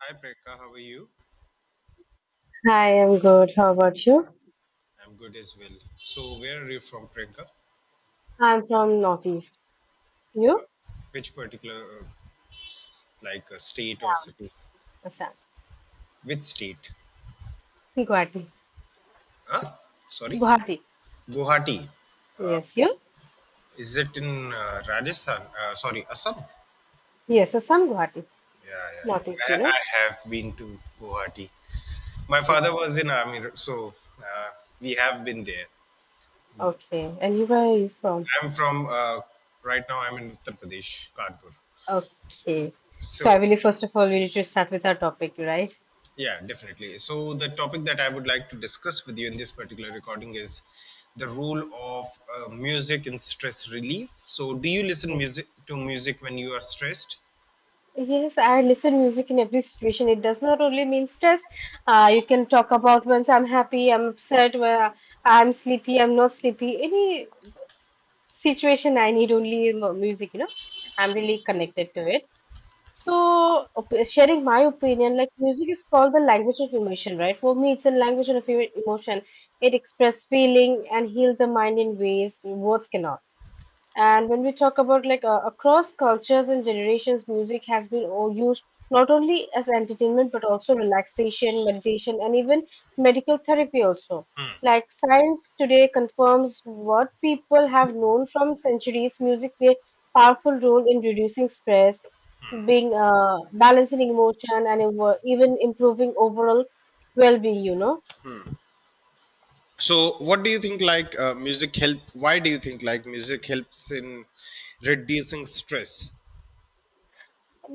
Hi Priyanka, how are you? Hi, I'm good. How about you? I'm good as well. So where are you from, Priyanka? I'm from Northeast. You? Which particular, like a state or city? Assam. Which state? Guwahati. Huh? Sorry, Guwahati. Guwahati. Yes, you? Is it in Rajasthan? Sorry, Assam. Yes, Assam, Guwahati. Yeah, yeah, Northeast, you yeah. I, know? I have been to Guwahati. My O- father was in army, so we have been there. Okay. And you, where are you from? I'm from right now. I'm in Uttar Pradesh, Kanpur. Okay. So I So believe first of all we need to start with our topic, right? yeah, definitely. So, the topic that I would like to discuss with you in this particular recording is the role of music in stress relief. So, do you listen Yes. music to music when you are stressed? Yes, I listen music in every situation. It does not only mean stress. You can talk about once I'm happy, I'm upset, where I'm sleepy, I'm not sleepy. Any situation I need only music. I'm really connected to it. So, sharing my opinion, like music is called the language of emotion, right? For me, it's a language of emotion. It expresses feeling and heals the mind in ways words cannot. And when we talk about, like, across cultures and generations, music has been all used not only as entertainment but also relaxation, meditation, and even medical therapy also. Like, science today confirms what people have known from centuries: music play a powerful role in reducing stress, being balancing emotion, and even improving overall well-being. So, what do you think? Like music help? Why do you think like music helps in reducing stress?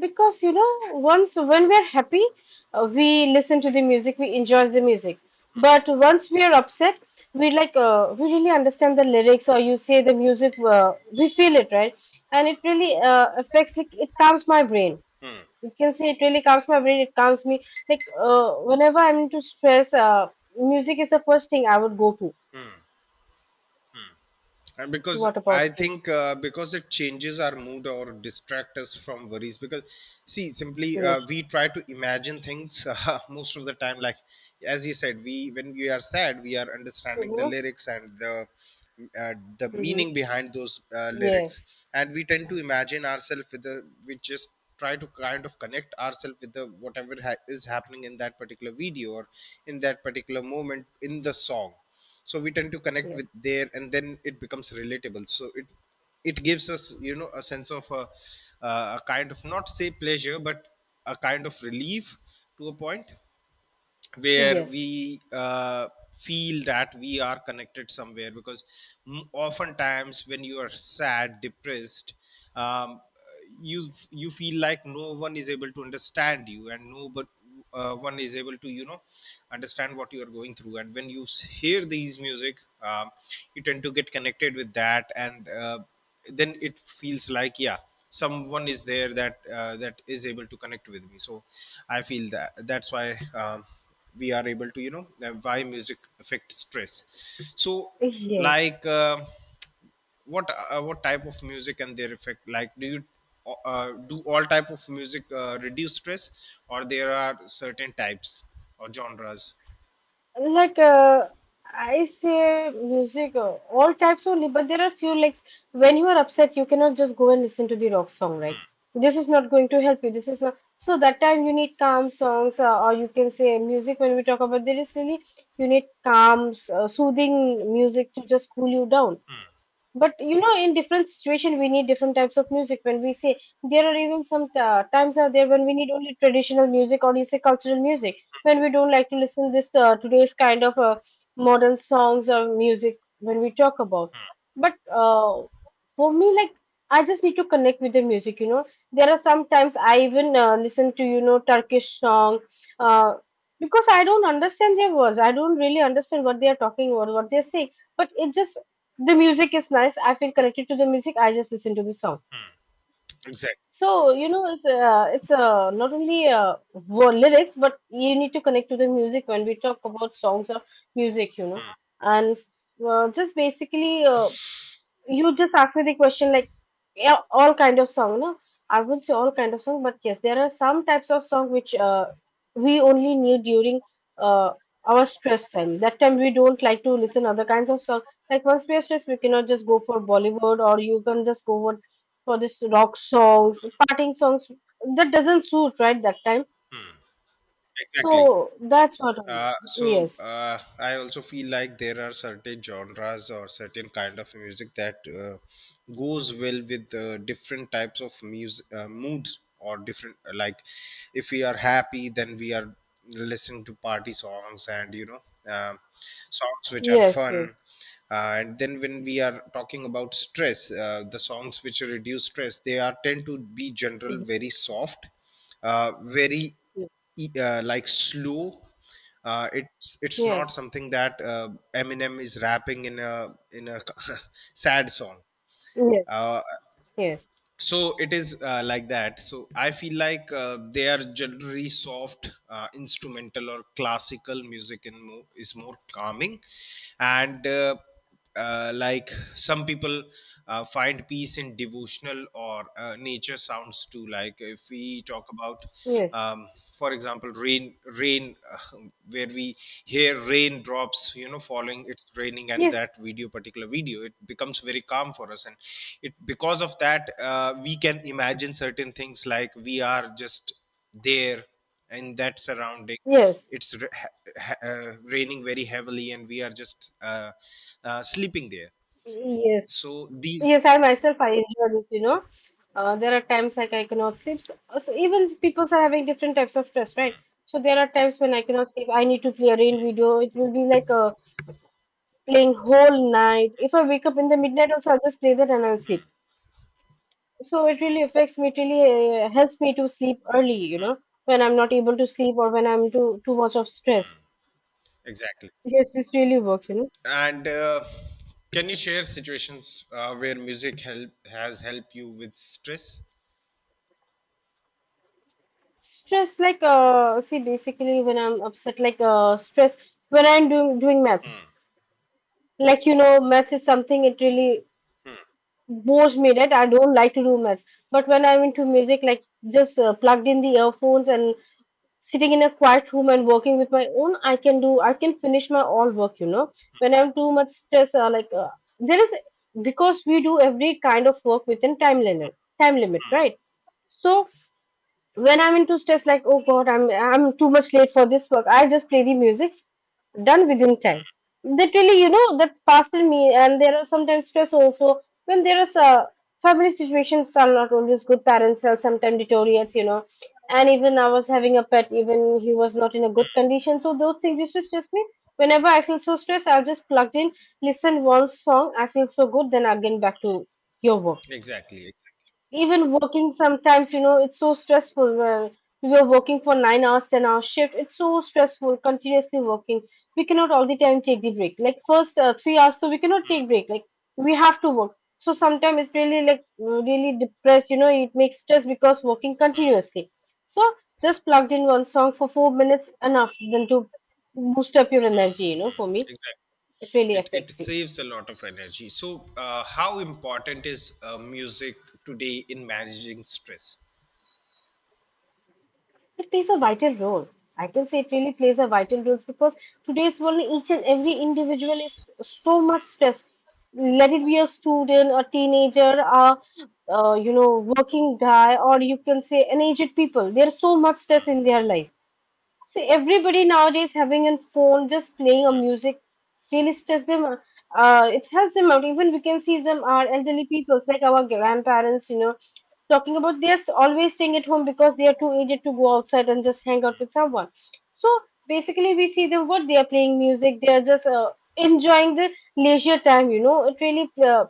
Because once when we are happy, we listen to the music, we enjoy the music, but once we are upset, we, like, we really understand the lyrics, or you say the music, we feel it, right? And it really affects, like, it calms my brain. You can say it really calms my brain, it calms me. Like, whenever I'm into stress, music is the first thing I would go to. And because What I about you? think because it changes our mood or distract us from worries, because see, simply Yes. we try to imagine things most of the time. Like as you said, we, when we are sad we are understanding the Mm-hmm. lyrics and uh, the Mm-hmm. meaning behind those lyrics, Yes. and we tend to imagine ourselves with the, we just try to kind of connect ourselves with the whatever is happening in that particular video or in that particular moment in the song. So we tend to connect with Yes. there and then it becomes relatable, so it gives us, you know, a sense of a kind of, not say pleasure, but a kind of relief, to a point where Yes. we feel that we are connected somewhere. Because oftentimes when you are sad, depressed, um, you feel like no one is able to understand you, and no, but one is able to, you know, understand what you are going through. And when you hear these music, you tend to get connected with that. And then it feels like, yeah, someone is there that that is able to connect with me. So I feel that that's why, we are able to, you know, why music affects stress. So Yes. like what type of music and their effect, like do you do all type of music reduce stress, or there are certain types or genres? Like, I say music, all types only, but there are few, like, when you are upset, you cannot just go and listen to the rock song, right? This is not going to help you. This is not, so that time you need calm songs, or you can say music. When we talk about, there is really, you need calm, soothing music to just cool you down. But, you know, in different situation we need different types of music. When we say there are even some times are there when we need only traditional music, or you say cultural music, when we don't like to listen this, today's kind of, modern songs or music, when we talk about. But for me, like, I just need to connect with the music, you know. There are sometimes I even listen to, Turkish song, uh, because I don't understand their words, I don't really understand what they are talking, or what they are saying. But it just, the music is nice, I feel connected to the music, I just listen to the song. Exactly. So, it's not only lyrics, but you need to connect to the music, when we talk about songs or music. Hmm, And just basically, you just asked me the question, like, yeah, all kind of song? No, I wouldn't say all kind of song, but yes, there are some types of song which, we only need during, uh, our stress time. That time we don't like to listen other kinds of song. Like, once we are stressed we cannot just go for Bollywood, or you can just go for this rock songs, parting songs. That doesn't suit, right, that time. hmm. Exactly. So that's what only. So Yes. I also feel like there are certain genres or certain kind of music that goes well with different types of music moods or different like, if we are happy then we are listening to party songs, and you know, um, songs which are Yes. Yes. fun. Uh, And then when we are talking about stress, the songs which reduce stress, they are tend to be general very soft, very Mhm. Like slow, it's not Yes. something that Eminem is rapping in a sad song. Yes. Uh, Yes. so it is like that. So I feel like they are generally soft, instrumental or classical music in is more calming, and like, some people find peace in devotional or nature sounds too. Like if we talk about, Yes. um, for example, rain rain rain, where we hear raindrops, you know, falling, it's raining, and Yes. that video, particular video, it becomes very calm for us. And it, because of that, we can imagine certain things, like we are just there in that surrounding, Yes. it's raining very heavily, and we are just sleeping there. Yes, So these, yes, I myself I enjoy this. There are times like I cannot sleep. So even people are having different types of stress, right? So there are times when I cannot sleep. I need to play a rain video. It will be like, playing whole night. If I wake up in the midnight also, I'll just play that and I'll sleep. So it really affects me. It really helps me to sleep early, when I'm not able to sleep, or when I'm too much of stress. exactly. Yes, this really works. And can you share situations where music help has helped you with stress? Stress, like, see, basically, when I'm upset, like, stress, when I'm doing maths, like, maths is something, it really bores me, that I don't like to do maths. But when I'm into music, like, just plugged in the earphones and sitting in a quiet room and working with my own, I can finish my all work. When I'm too much stress, like, there is, because we do every kind of work within time limit, right? So, when I'm into stress, like, oh god, I'm too much late for this work. I just play the music, done within time. That really, that fasten me. And there are sometimes stress also when there is a family situations are not always good. Parents are sometimes deteriorates. And even I was having a pet, even he was not in a good condition. So those things used to stress me. Whenever I feel so stressed, I'll just plugged in, listen one song. I feel so good, then again back to your work. Exactly, exactly, Even working sometimes, it's so stressful when we are working for 9 hours 10 hours shift. It's so stressful, continuously working. We cannot all the time take the break, like first, 3 hours so we cannot take break, like, we have to work. So sometimes it's really like, really depressed, it makes stress, because working continuously. So just plugged in one song for 4 minutes, enough than to boost up your energy, for me, exactly. it really It affects me. saves a lot of energy. So, how important is music today in managing stress? It plays a vital role. I can say it really plays a vital role, because today's world, each and every individual is so much stressed. Let it be a student, a teenager, a uh, you know working guy, or you can say an aged people. There's so much stress in their life. So everybody nowadays having a phone, just playing a music really stress them. It helps them out. Even we can see them, our elderly people, like our grandparents, talking about they're always staying at home because they are too aged to go outside and just hang out with someone. So basically, we see them, what they are playing music. They are just enjoying the leisure time. It really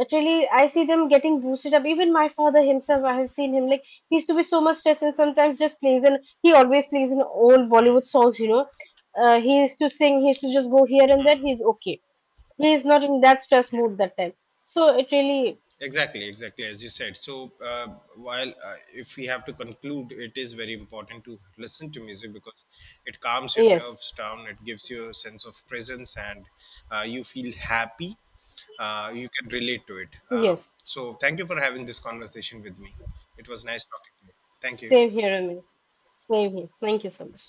Actually, I see them getting boosted up. Even my father himself, I have seen him, like, he used to be so much stressed, and sometimes just plays, and he always plays in old Bollywood songs. He used to sing, he used to just go here and there, he's okay. He is not in that stress mood that time. So it really, Exactly, exactly, as you said. So, while if we have to conclude, it is very important to listen to music because it calms your yes, nerves down, it gives you a sense of presence, and you feel happy. You can relate to it. Yes. So, thank you for having this conversation with me. It was nice talking to you. Thank you. Same here, Amish. Same here. Thank you so much.